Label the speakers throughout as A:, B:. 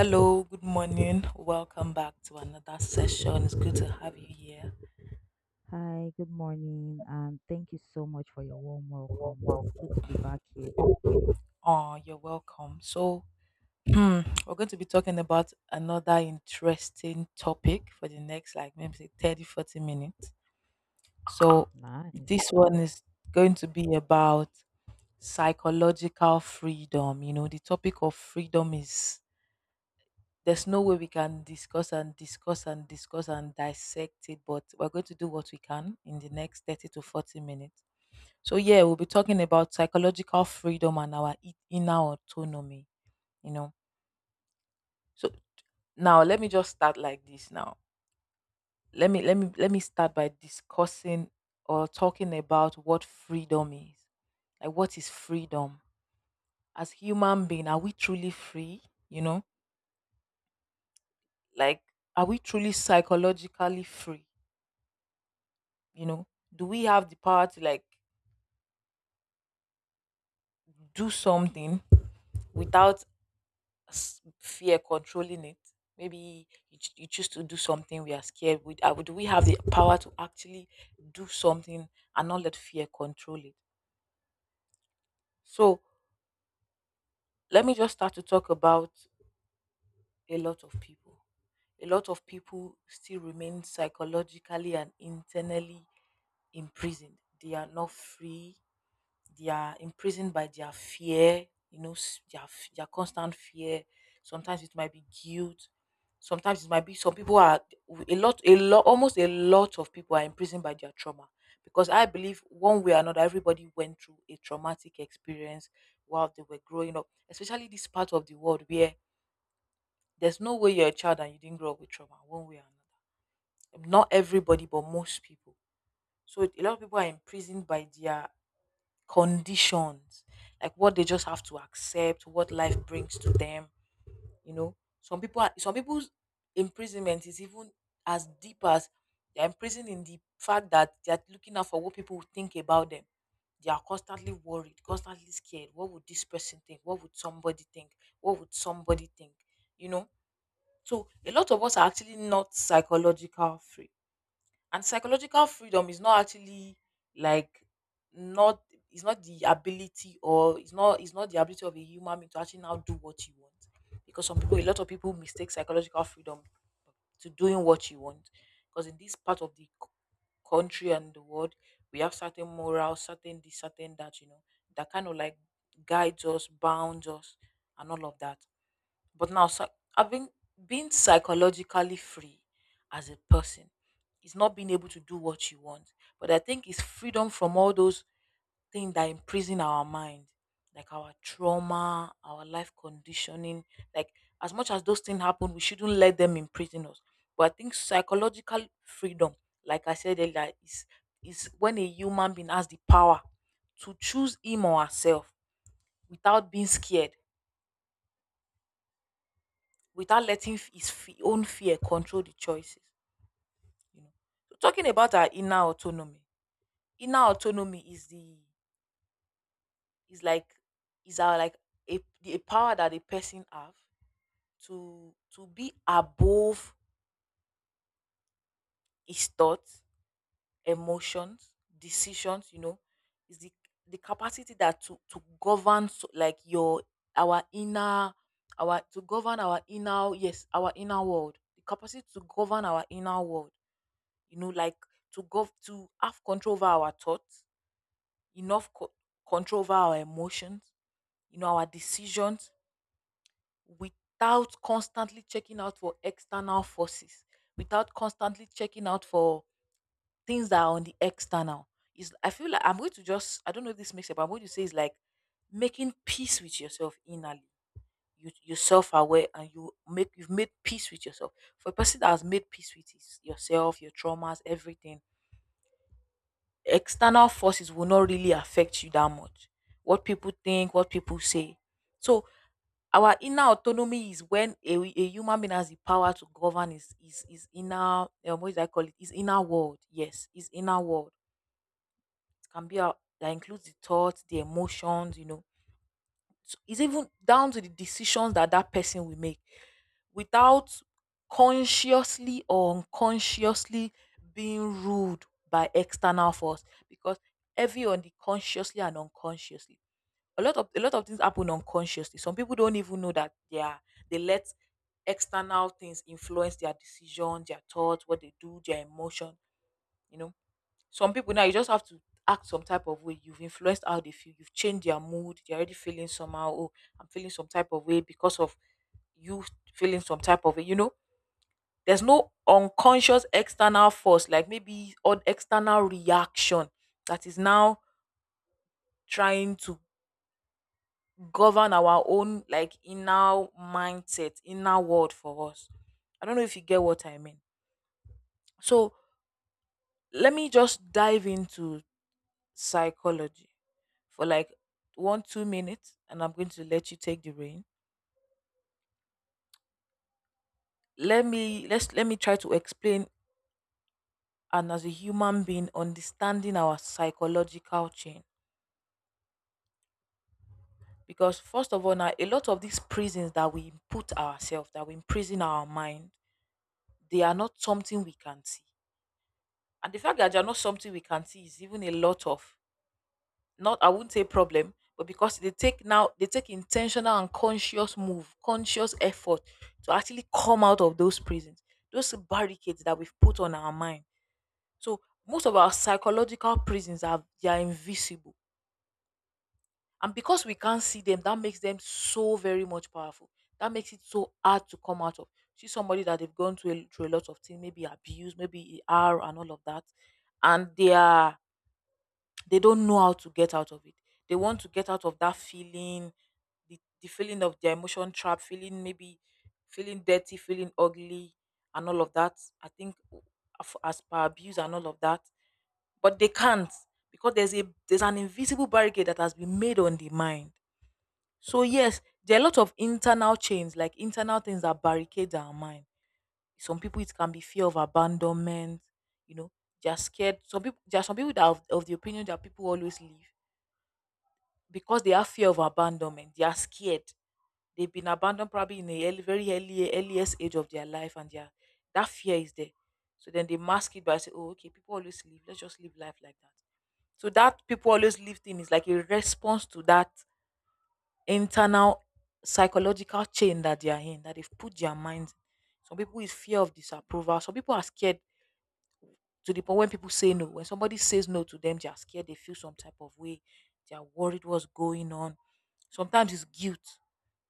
A: Hello, good morning. Welcome back to another session. It's good to have you here.
B: Hi, good morning, and thank you so much for your warm welcome. It's good to be back here.
A: Oh, you're welcome. So, we're going to be talking about another interesting topic for the next, like maybe say 30 40 minutes. So,
B: Nice.
A: this one is going to be about psychological freedom. You know, the topic of freedom is there's no way we can discuss and discuss and discuss and dissect it, but we're going to do what we can in the next 30 to 40 minutes. So yeah, we'll be talking about psychological freedom and our inner autonomy, you know. So now let me just start like this now. Let me start by discussing or talking about what freedom is. Like what is freedom? As human being, are we truly free? You know? Like are we truly psychologically free? You know? Do we have the power to like do something without fear controlling it. Maybe you, you choose to do something we are scared with. Do we have the power to actually do something and not let fear control it? So let me just start to talk about a lot of people. A lot of people still remain psychologically and internally imprisoned. They are not free. They are imprisoned by their fear, you know, their constant fear. Sometimes it might be guilt, sometimes it might be, some people are, a lot almost a lot of people are imprisoned by their trauma, because I believe one way or another everybody went through a traumatic experience while they were growing up, especially this part of the world where there's no way you're a child and you didn't grow up with trauma one way or another. Not everybody, but most people. So a lot of people are imprisoned by their conditions, like what they just have to accept, what life brings to them. You know, some people, are, some people's imprisonment is even as deep as they're imprisoned in the fact that they're looking out for what people think about them. They are constantly worried, constantly scared. What would this person think? What would somebody think? What would somebody think? You know, so a lot of us are actually not psychological free, and psychological freedom is not actually, like, not, it's not the ability, or it's not the ability of a human being to actually now do what you want, because some people, a lot of people mistake psychological freedom to doing what you want, because in this part of the country and the world, we have certain morals, certain this, certain that, you know, that kind of like guides us, bounds us, and all of that. But now, I've been, being psychologically free as a person is not being able to do what you want. But I think it's freedom from all those things that imprison our mind, like our trauma, our life conditioning. Like, as much as those things happen, we shouldn't let them imprison us. But I think psychological freedom, like I said earlier, is when a human being has the power to choose him or herself without being scared, without letting own fear control the choices, you know. So talking about our inner autonomy, inner autonomy is the, is like, is our, like a, a power that a person have to, be above his thoughts, emotions, decisions, you know, is the capacity that to, govern, so, like your, our inner, our, to govern our inner, yes, our inner world, the capacity to govern our inner world, you know, like to go to have control over our thoughts, enough control over our emotions, you know, our decisions, without constantly checking out for external forces, without constantly checking out for things that are on the external. Is, I feel like I'm going to just, I don't know if this makes sense, but I'm going to say it's like making peace with yourself innerly. You, you're self aware, and you make, you've made peace with yourself. For a person that has made peace with his, yourself, your traumas, everything, external forces will not really affect you that much. What people think, what people say. So our inner autonomy is when a human being has the power to govern his inner, what do I call it? His inner world. Yes, his inner world. It can be out, that includes the thoughts, the emotions, you know, it's even down to the decisions that that person will make without consciously or unconsciously being ruled by external force, because every on the consciously and unconsciously, a lot of things happen unconsciously. Some people don't even know that they are, they let external things influence their decisions, their thoughts, what they do, their emotion, you know. Some people now you just have to act some type of way. You've influenced how they feel. You've changed their mood. They're already feeling somehow. Oh, I'm feeling some type of way because of you feeling some type of way. You know, there's no unconscious external force, like maybe on external reaction that is now trying to govern our own, like, inner mindset, inner world for us. I don't know if you get what I mean. So let me just dive into psychology for like 1 2 minutes, and I'm going to let you take the reign. Let me try to explain, and as a human being, understanding our psychological chain. Because first of all now, a lot of these prisons that we put ourselves, that we imprison our mind, they are not something we can see. And the fact that they are not something we can see is even a lot of, not, I wouldn't say problem, but because they take now, they take intentional and conscious move, conscious effort to actually come out of those prisons, those barricades that we've put on our mind. So most of our psychological prisons are, they are invisible. And because we can't see them, that makes them so very much powerful. That makes it so hard to come out of. See somebody that they've gone through a, through a lot of things, maybe abuse, maybe ER and all of that. And they are, they don't know how to get out of it. They want to get out of that feeling, the feeling of their emotion trap, feeling, maybe feeling dirty, feeling ugly, and all of that. I think as per abuse and all of that, but they can't, because there's an invisible barricade that has been made on the mind. So yes, there are a lot of internal chains, like internal things that barricade our mind. Some people, it can be fear of abandonment. You know, they're scared. Some people, there are some people that are of the opinion that people always leave, because they have fear of abandonment. They are scared. They've been abandoned probably in a early, very early earliest age of their life, and their, that fear is there. So then they mask it by saying, "Oh, okay, people always live. Let's just live life like that." So that people always live thing is like a response to that internal psychological chain that they are in, that they've put their minds. Some people is fear of disapproval. Some people are scared to the point when people say no, when somebody says no to them, they are scared, they feel some type of way, they are worried what's going on. Sometimes it's guilt,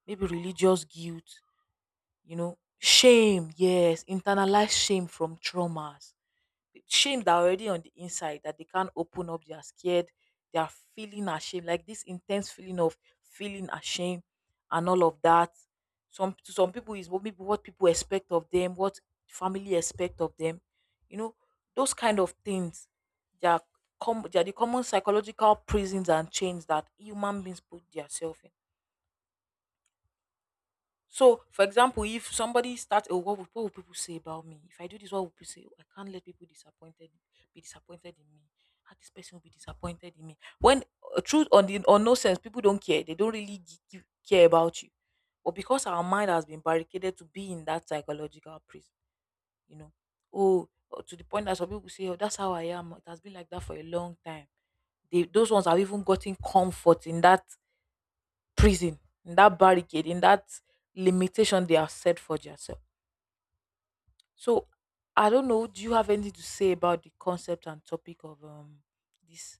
A: maybe religious guilt, you know, shame, yes, internalized shame from traumas, shame that already on the inside, that they can't open up, they are scared, they are feeling ashamed, like this intense feeling of feeling ashamed, and all of that. Some, to some people is what people, what people expect of them, what family expect of them, you know, those kind of things. They are, they are the common psychological prisons and chains that human beings put themselves in. So, for example, if somebody starts, oh, what will people say about me? If I do this, what will people say? Oh, I can't let people disappointed, be disappointed in me. How this person will be disappointed in me? When, truth or the, or nonsense, people don't care. They don't really give, care about you. But because our mind has been barricaded to be in that psychological prison, you know, oh, to the point that some people say, oh, that's how I am. It has been like that for a long time. They, those ones have even gotten comfort in that prison, in that barricade, in that limitation they have set for themselves. So I don't know. Do you have anything to say about the concept and topic of this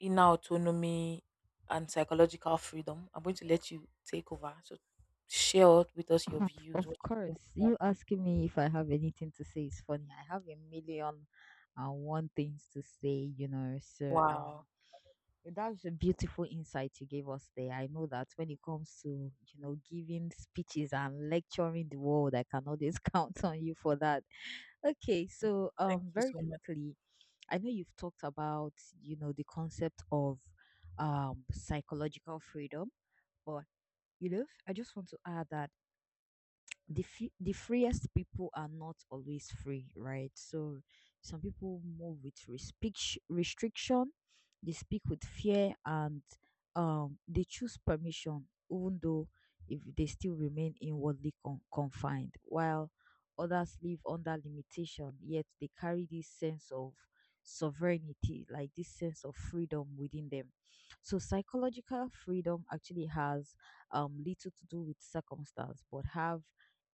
A: inner autonomy and psychological freedom? I'm going to let you take over. So share out with us your
B: Of,
A: views, what
B: of
A: you think
B: course,
A: about.
B: you asking me if I have anything to say is funny. I have a million and one things to say, you know.
A: Wow,
B: That was a beautiful insight you gave us there. I know that when it comes to, you know, giving speeches and lecturing the world, I can always count on you for that. Okay, so
A: thank you
B: very
A: so much.
B: quickly, I know you've talked about you know the concept of psychological freedom, but you know I just want to add that the freest people are not always free, right? So some people move with restriction, they speak with fear, and they choose permission, even though if they still remain inwardly confined, while others live under limitation, yet they carry this sense of sovereignty, like this sense of freedom within them. So psychological freedom actually has little to do with circumstance, but have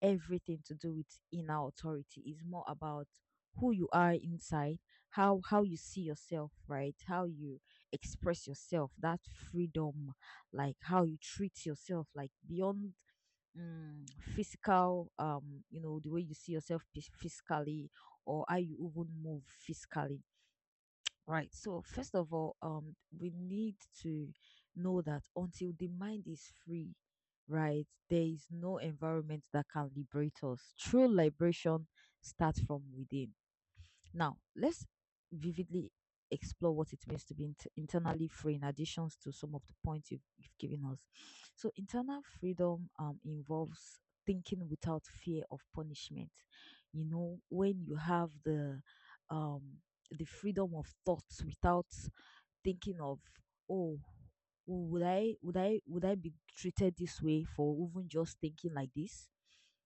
B: everything to do with inner authority. Is more about who you are inside, how you see yourself, right? How you express yourself, that freedom, like how you treat yourself, like beyond mm, physical, you know, the way you see yourself physically or how you even move physically. Right. So first of all, we need to know that until the mind is free, right, there is no environment that can liberate us. True liberation starts from within. Now, let's vividly explore what it means to be internally free in additions to some of the points you've given us. So, internal freedom involves thinking without fear of punishment. You know, when you have um, the freedom of thoughts without thinking of, oh, would I be treated this way for even just thinking like this?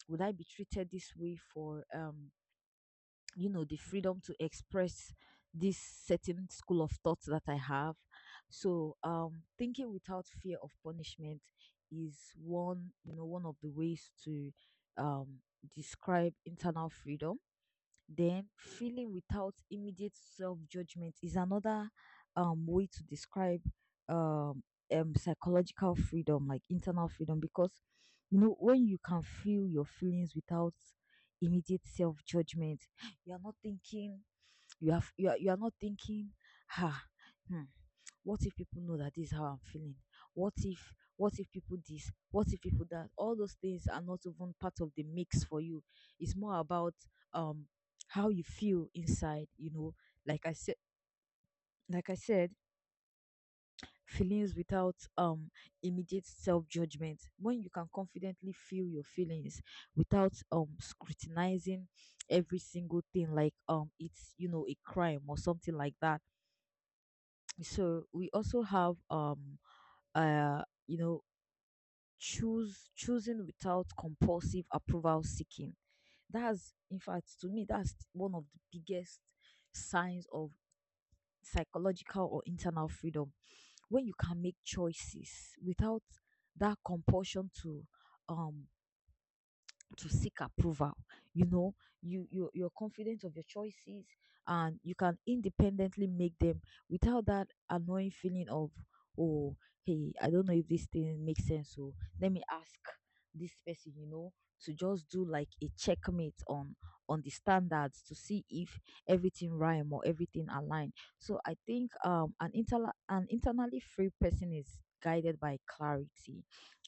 B: Would I be treated this way for you know the freedom to express this certain school of thoughts that I have? So thinking without fear of punishment is one, you know, one of the ways to um describe internal freedom. Then feeling without immediate self judgment is another way to describe um psychological freedom, like internal freedom, because you know when you can feel your feelings without immediate self judgment, you are not thinking, you are not thinking, ha, hmm, what if people know that this is how I'm feeling? What if, what if people this? What if people that? All those things are not even part of the mix for you. It's more about um how you feel inside, you know. Like I said like I said, feelings without immediate self judgment. When you can confidently feel your feelings without scrutinizing every single thing like it's you know a crime or something like that. So we also have uh you know choose choosing without compulsive approval seeking. That's in fact, to me, that's one of the biggest signs of psychological or internal freedom, when you can make choices without that compulsion um to seek approval. You know, you, you're confident of your choices and you can independently make them without that annoying feeling of, oh, hey, I don't know if this thing makes sense, so let me ask this person, you know, to just do like a checkmate on the standards to see if everything rhyme or everything align. So I think an internally free person is guided by clarity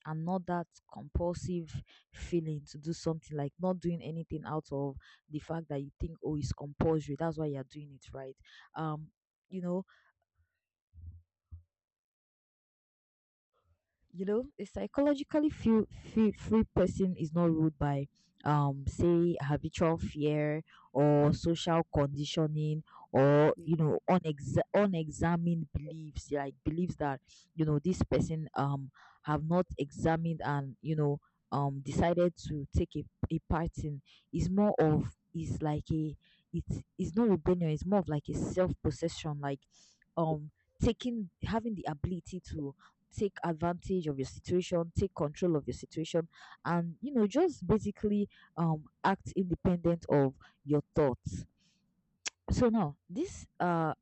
B: and not that compulsive feeling to do something, like not doing anything out of the fact that you think, oh, it's compulsory, that's why you're doing it, right? um you know, a psychologically free person is not ruled by say habitual fear or social conditioning or
A: Yeah,
B: you know unexamined beliefs, like beliefs that you know this person have not examined and you know decided to take a part in. Is more of, is like a, it's not rebellion, it's more of like a self-possession, like um taking, having the ability to take advantage of your situation, take control of your situation, and you know, just basically act independent of your thoughts. So now this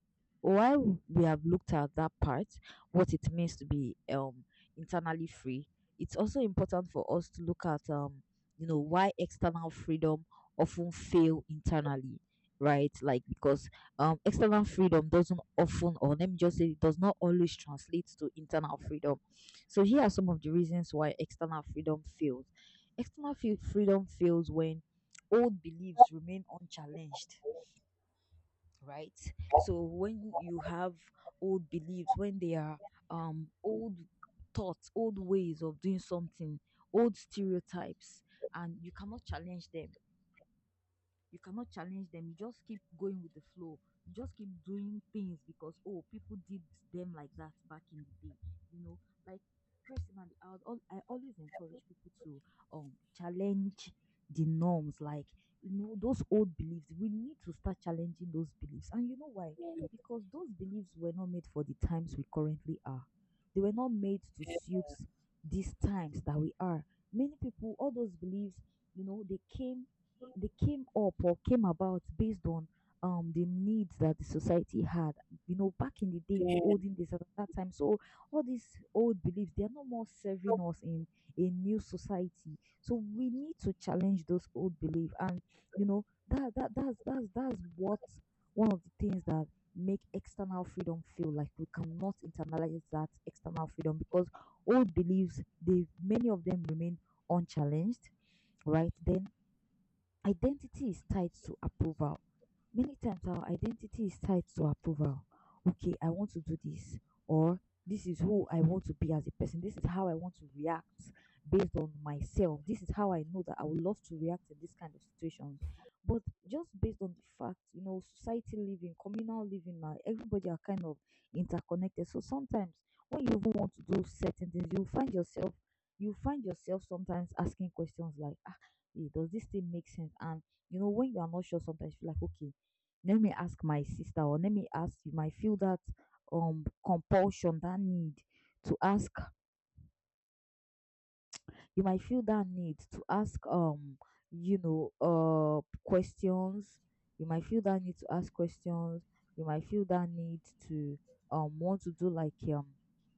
B: while we have looked at that part, what it means to be internally free, it's also important for us to look at you know why external freedom often fail internally, right? Like because external freedom doesn't often, or let me just say it does not always translate to internal freedom. So here are some of the reasons why external freedom fails. Freedom fails when old beliefs remain unchallenged, right? So when you have old beliefs, when they are old thoughts, old ways of doing something, old stereotypes, and you cannot challenge them, you cannot challenge them. You just keep going with the flow. You just keep doing things because, oh, people did them like that back in the day. You know, like personally, I would I always encourage people to challenge the norms. Like, you know, those old beliefs. We need to start challenging those beliefs. And you know why? Because those beliefs were not made for the times we currently are. They were not made to suit these times that we are. Many people, all those beliefs, you know, they came up or came about based on the needs that the society had, you know, back in the day, in the
A: damn,
B: olden days, at that time. So all these old beliefs, they are no more serving us in a new society, so we need to challenge those old beliefs. And you know that's what, one of the things that make external freedom feel like we cannot internalize that external freedom, because old beliefs, they, many of them, remain unchallenged, right? Then identity is tied to approval. Many times our identity is tied to approval. Okay, I want to do this, or this is who I want to be as a person. This is how I want to react based on myself. This is how I know that I would love to react in this kind of situation. But just based on the fact, you know, society living, communal living now, everybody are kind of interconnected. So sometimes when you even want to do certain things, you find yourself sometimes asking questions like, eh, does this thing make sense? And you know, when you are not sure, sometimes you're like, okay, let me ask my sister, or let me ask, you might feel that compulsion, that need to ask, you might feel that need to ask you know questions, you might feel that need to ask questions, you might feel that need to want to do like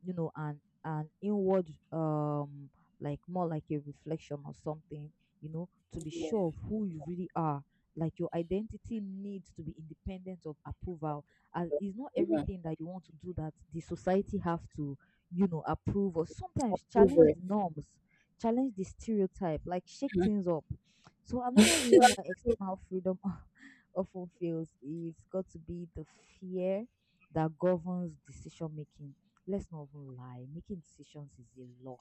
B: you know an inward like more like a reflection or something, you know, to be sure of
A: yeah.
B: who you really are, like your identity needs to be independent of approval. As it's not everything that you want to do that the society have to, you know, approve, or sometimes
A: Over
B: challenge
A: it.
B: the norms, challenge the stereotype, like shake things up. So another reason why external freedom often fails is got to be the fear that governs decision making. Let's not even lie, making decisions is a lot.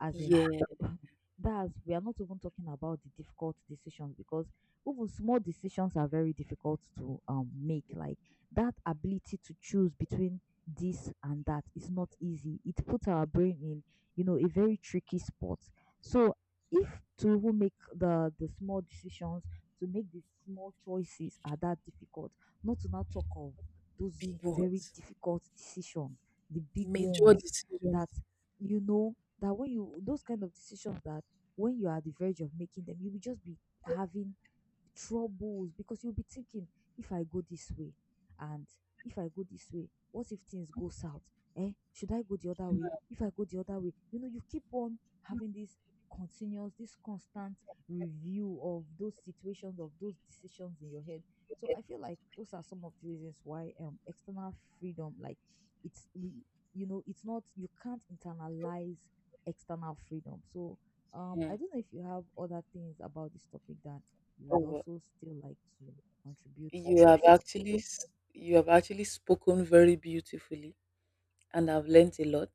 B: As in,
A: Yeah,
B: that's, we are not even talking about the difficult decisions, because even small decisions are very difficult to make. Like that ability to choose between this and that is not easy. It puts our brain, you know, a very tricky sport. So if to even make the small decisions, to make the small choices are that difficult, not to now talk of those
A: big
B: very
A: words,
B: difficult decisions, the big
A: major
B: ones,
A: decisions.
B: that you know that when you those kind of decisions that when you are at the verge of making them, you will just be having troubles because you'll be thinking, if I go this way, and if I go this way, what if things go south? Eh, should I go the other way? If I go the other way, you know, you keep on having this continuous, this constant review of those situations, of those decisions in your head. So I feel like those are some of the reasons why external freedom, like it's we- you know, it's not, you can't internalize external freedom. So I don't know if you have other things about this topic that you would
A: Mm.
B: also still like to contribute to the
A: You have
B: discourse.
A: actually s- you have actually spoken very beautifully and I've learnt a lot.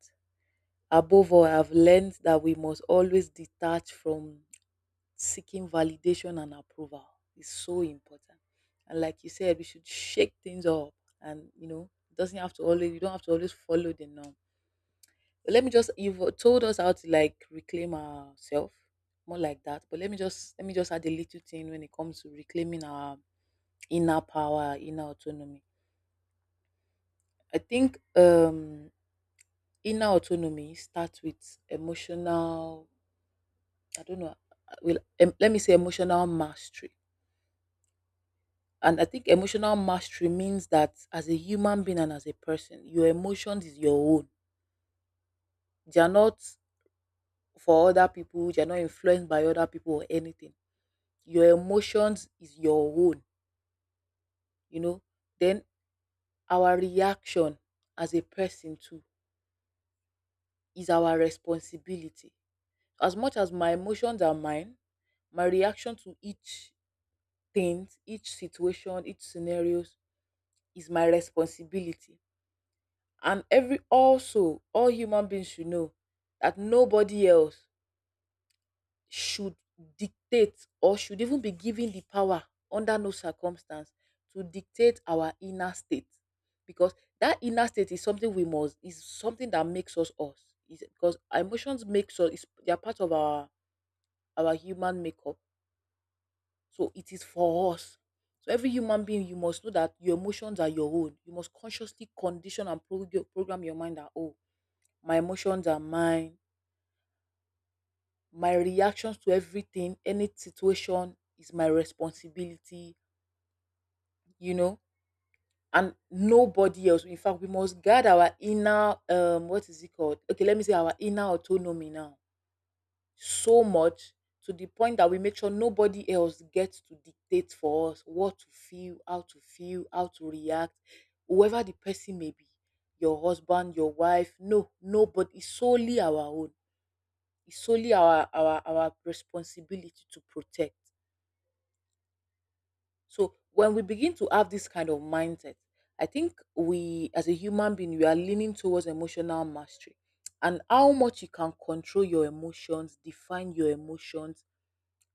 A: Above all, I've learned that we must always detach from seeking validation and approval. It's so important. And like you said, we should shake things up, and you know, it doesn't have to always, you don't have to always follow the norm. But let me just, you've told us how to like reclaim ourselves, more like that. But let me just add a little thing when it comes to reclaiming our inner power, inner autonomy. I think inner autonomy starts with emotional, I don't know, well, let me say emotional mastery. And I think emotional mastery means that as a human being and as a person, your emotions is your own. They are not for other people, they are not influenced by other people or anything. Your emotions is your own, you know. Then our reaction as a person too is our responsibility. As much as my emotions are mine, my reaction to each thing, each situation, each scenarios is my responsibility. And every, also all human beings should know that nobody else should dictate or should even be given the power, under no circumstance, to dictate our inner state, because that inner state is something we must, is something that makes us us, is because our emotions makes us, is they are part of our human makeup. So it is for us. So every human being, you must know that your emotions are your own. You must consciously condition and program your mind that, oh, my emotions are mine. My reactions to everything, any situation, is my responsibility, you know, and nobody else. In fact, we must guard our inner, what is it called? Okay, let me say our inner autonomy now so much to the point that we make sure nobody else gets to dictate for us what to feel, how to feel, how to react, whoever the person may be, your husband, your wife, no, nobody. It's solely our own. It's solely our our responsibility to protect. So when we begin to have this kind of mindset, I think we as a human being we are leaning towards emotional mastery. And how much you can control your emotions, define your emotions,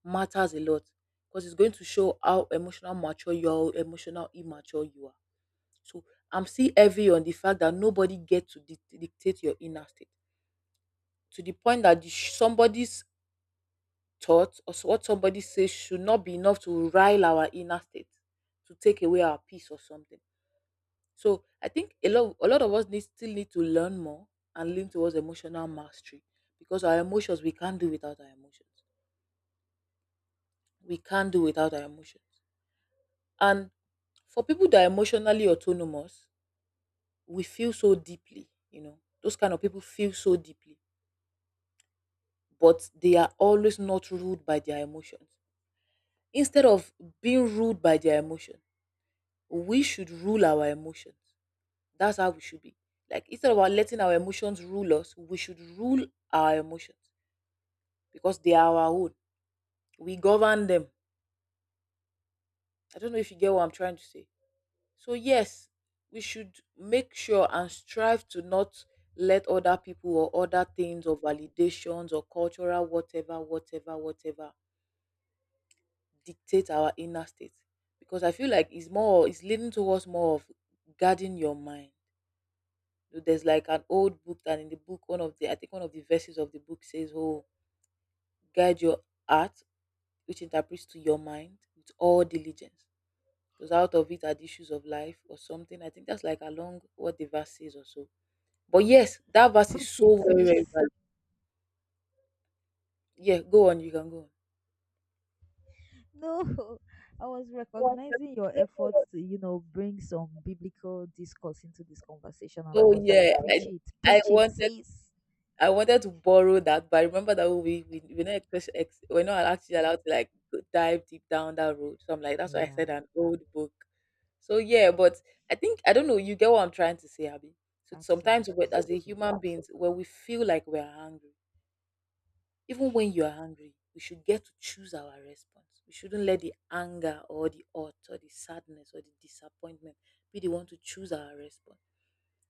A: matters a lot, because it's going to show how emotional mature you are or emotional immature you are. So I'm still heavy on the fact that nobody gets to dictate your inner state, to the point that somebody's thought or what somebody says should not be enough to rile our inner state, to take away our peace or something. So I think a lot of us need, still need to learn more and lean towards emotional mastery, because our emotions, we can't do without our emotions. We can't do without our emotions. And for people that are emotionally autonomous, we feel so deeply, you know. Those kind of people feel so deeply, but they are always not ruled by their emotions. Instead of being ruled by their emotion, we should rule our emotions. That's how we should be. Like instead of our letting our emotions rule us, we should rule our emotions, because they are our own. We govern them. I don't know if you get what I'm trying to say. So, yes, we should make sure and strive to not let other people or other things or validations or cultural whatever, whatever, whatever dictate our inner state. Because I feel like it's more, it's leading towards more of guarding your mind. You know, there's like an old book that, in the book, one of the, I think one of the verses of the book says, oh, guide your heart, which interprets to your mind with all diligence. Because out of it are the issues of life or something. I think that's like along what the verse says or so. But yes, that verse is
B: Preach
A: so
B: it,
A: very
B: sis.
A: relevant. Yeah, go on, you can go on.
B: No, I was recognizing your efforts to, you know, bring some biblical discourse into this conversation, and I
A: Oh
B: was like,
A: yeah, I I
B: preach it,
A: wanted
B: sis.
A: I wanted to borrow that, but I remember that we're not ex- ex- we're not actually allowed to like dive deep down that road. So I'm like, that's why I said
B: Yeah,
A: an old book. So yeah,
B: mm,
A: but I think, I don't know. You get what I'm trying to say, Abby. So sometimes,
B: absolutely,
A: as a human
B: absolutely.
A: beings, when we feel like we're hungry, even when you are angry, we should get to choose our response. We shouldn't let the anger or the hurt or the sadness or the disappointment be the one to choose our response.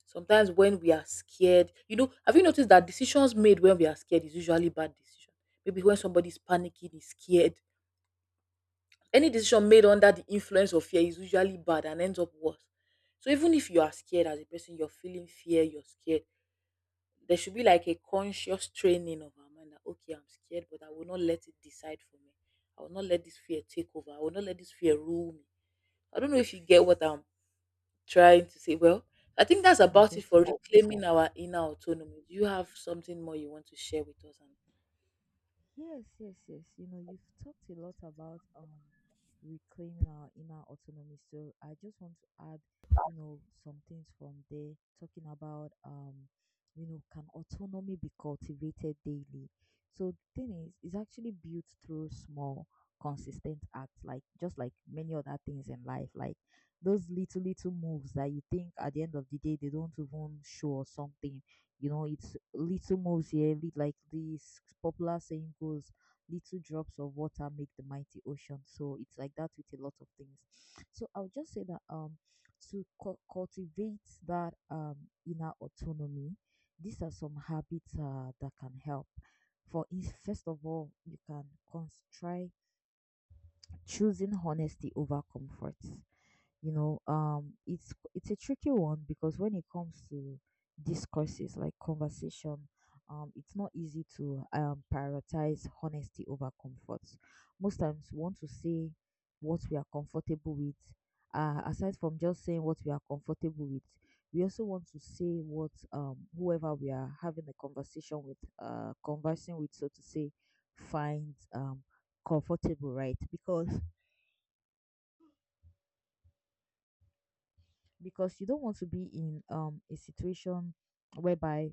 A: Sometimes when we are scared, you know, have you noticed that decisions made when we are scared is usually bad decision? Maybe when somebody's panicking, is scared. Any decision made under the influence of fear is usually bad and ends up worse. So even if you are scared as a person, you're feeling fear, you're scared, there should be like a conscious training of our mind that, okay, I'm scared, but I will not let it decide for me. I will not let this fear take over. I will not let this fear rule me. I don't know if you get what I'm trying to say. Well, I think that's
B: I
A: about it
B: get
A: for
B: you.
A: reclaiming our inner autonomy. Do you have something more you want to share with us? And
B: Yes, yes, yes. You know, you've talked a lot about reclaiming our inner autonomy. So I just want to add, you know, some things from there, talking about you know, can autonomy be cultivated daily? So the thing is, it's actually built through small, consistent acts, like just like many other things in life, like those little moves that you think at the end of the day they don't even show or something, you know, it's little moves here, like this popular saying goes, little drops of water make the mighty ocean. So it's like that with a lot of things. So I'll just say that to cultivate that inner autonomy, these are some habits that can help. For is first of all, you can try choosing honesty over comfort. You know, it's a tricky one because when it comes to discourses like conversation, it's not easy to prioritize honesty over comfort. Most times, we want to say what we are comfortable with. Aside from just saying what we are comfortable with, we also want to say what, whoever we are having a conversation with, conversing with, so to say, finds comfortable, right? Because you don't want to be in a situation whereby,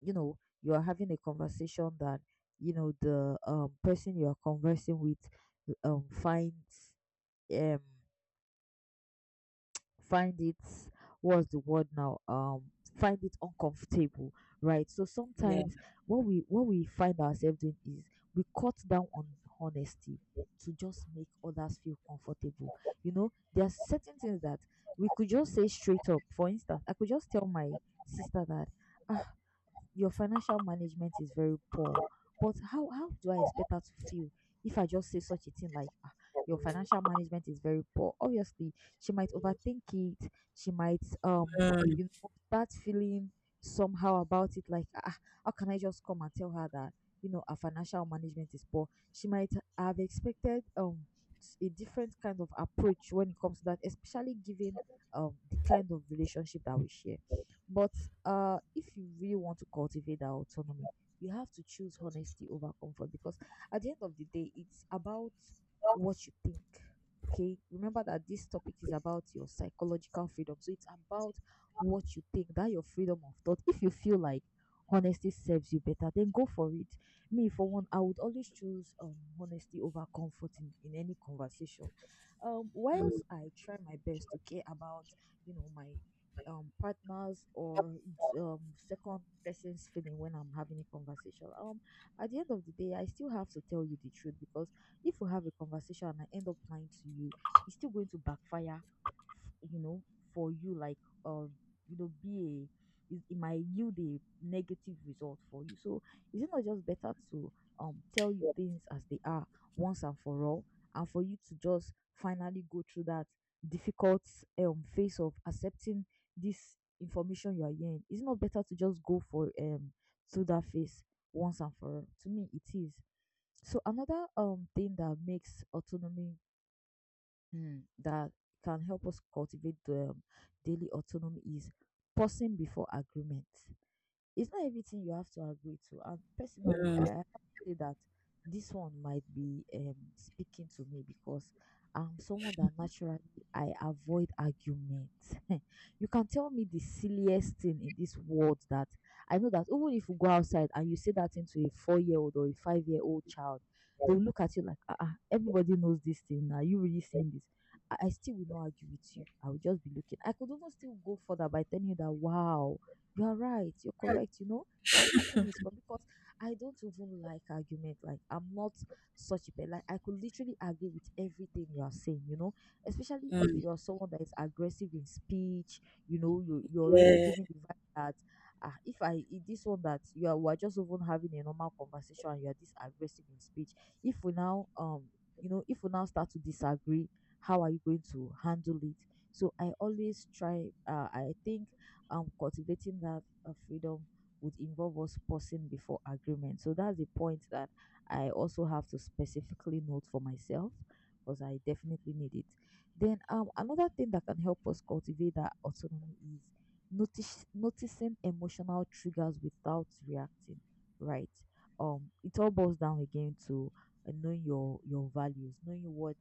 B: you know, you are having a conversation that, you know, the person you are conversing with finds, um find it, what's the word now, find it uncomfortable, right? So
A: yeah.
B: sometimes what we find ourselves doing is we cut down on honesty to just make others feel comfortable. You know, there are certain things that we could just say straight up. For instance, I could just tell my sister that, ah, your financial management is very poor. But how do I expect her to feel if I just say such a thing like, "Ah, your financial management is very poor?" Obviously, she might overthink it. She might
A: Mm,
B: you know, start feeling somehow about it, like, ah, how can I just come and tell her that, you know, her financial management is poor? She might have expected a different kind of approach when it comes to that, especially given the kind of relationship that we share. But if you really want to cultivate that autonomy, you have to choose honesty over comfort because at the end of the day, it's about what you think. Okay, remember that this topic is about your psychological freedom, so it's about what you think, that your freedom of thought. If you feel like honesty serves you better, then go for it. Me, for one, I would always choose, honesty over comfort in any conversation.
A: mm,
B: Whilst I try my best to care about, you know, my partners or um second person's feeling when I'm having a conversation. At the end of the day, I still have to tell you the truth, because if we have a conversation and I end up lying to you, it's still going to backfire you know, for you, like uh you know, be a it might yield a negative result for you. So is it not just better to tell you things as they are, once and for all, and for you to just finally go through that difficult phase of accepting this information you are hearing? Is it not better to just go for to that phase once and for all? To me, it is. So another thing that makes autonomy, that can help us cultivate the daily autonomy is pausing before agreement. It's not everything you have to agree to. And personally,
A: mm,
B: I have to say that this one might be, speaking to me because I'm someone that naturally I avoid arguments. You can tell me the silliest thing in this world that I know that even if you go outside and you say that thing to a 4 year old or a 5 year old child, they'll look at you like, ah, everybody knows this thing. Are you really saying this? I still will not argue with you. I will just be looking. I could even still go further by telling you that, wow, you are right. You're correct. You know, everything is correct because I don't even like argument. Like I'm not such a like I could literally agree with everything you are saying. You know, especially if
A: mm,
B: you're someone that is aggressive in speech. You know, you're already
A: yeah.
B: giving the vibe that, ah, if this one that you are, we're just even having a normal conversation and you are this aggressive in speech. If we now you know, if we now start to disagree, how are you going to handle it? So I always try. I think, cultivating that freedom would involve us pausing before agreement. So that's the point that I also have to specifically note for myself, because I definitely need it. Then, another thing that can help us cultivate that autonomy is noticing emotional triggers without reacting, right? It all boils down again to knowing your values, knowing what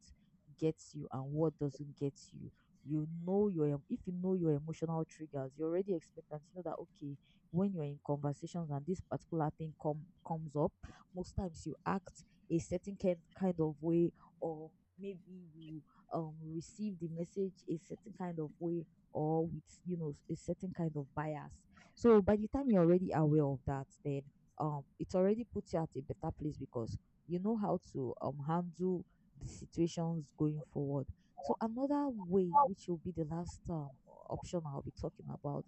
B: gets you and what doesn't get you. You know your if you know your emotional triggers, you're already expectant. You know that, okay, when you're in conversations and this particular thing comes up, most times you act a certain kind of way, or maybe you receive the message a certain kind of way, or with, you know, a certain kind of bias. So by the time you're already aware of that, then, it's already puts you at a better place, because you know how to handle the situations going forward. So another way, which will be the last, option I'll be talking about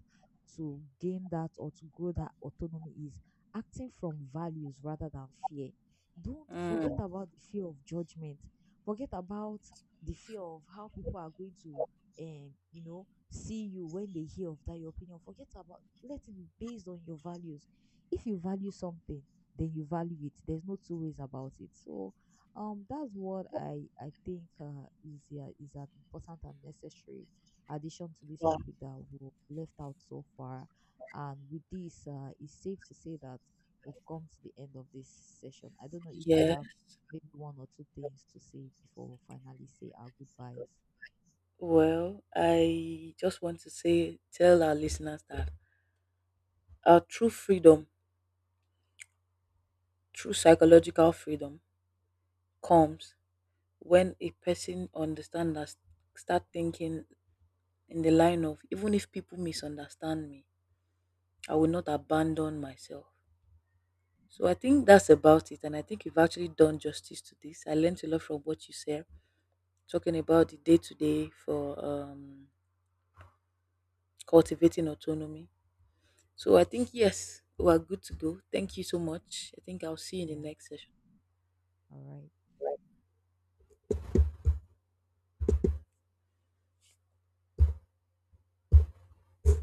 B: to gain that or to grow that autonomy, is acting from values rather than fear. Don't forget
A: Mm.
B: about the fear of judgment. Forget about the fear of how people are going to, you know, see you when they hear of that your opinion. Forget about. Let it be based on your values. If you value something, then you value it. There's no two ways about it. So, that's what I think, is, yeah, is an important and necessary addition to this
A: Wow.
B: topic that we left out so far. And with this, it's safe to say that we've come to the end of this session. I don't know if you
A: Yeah,
B: have maybe one or two things to say before we finally say our goodbyes.
A: well, I just want to say, tell our listeners that our true freedom, true psychological freedom, comes when a person understand that, start thinking in the line of, even if people misunderstand me, I will not abandon myself. So I think that's about it. And I think you've actually done justice to this. I learned a lot from what you said, talking about the day to day for cultivating autonomy. So I think, yes, we are good to go. Thank you so much. I think I'll see you in
B: Yeah.
A: the next session.
B: All right.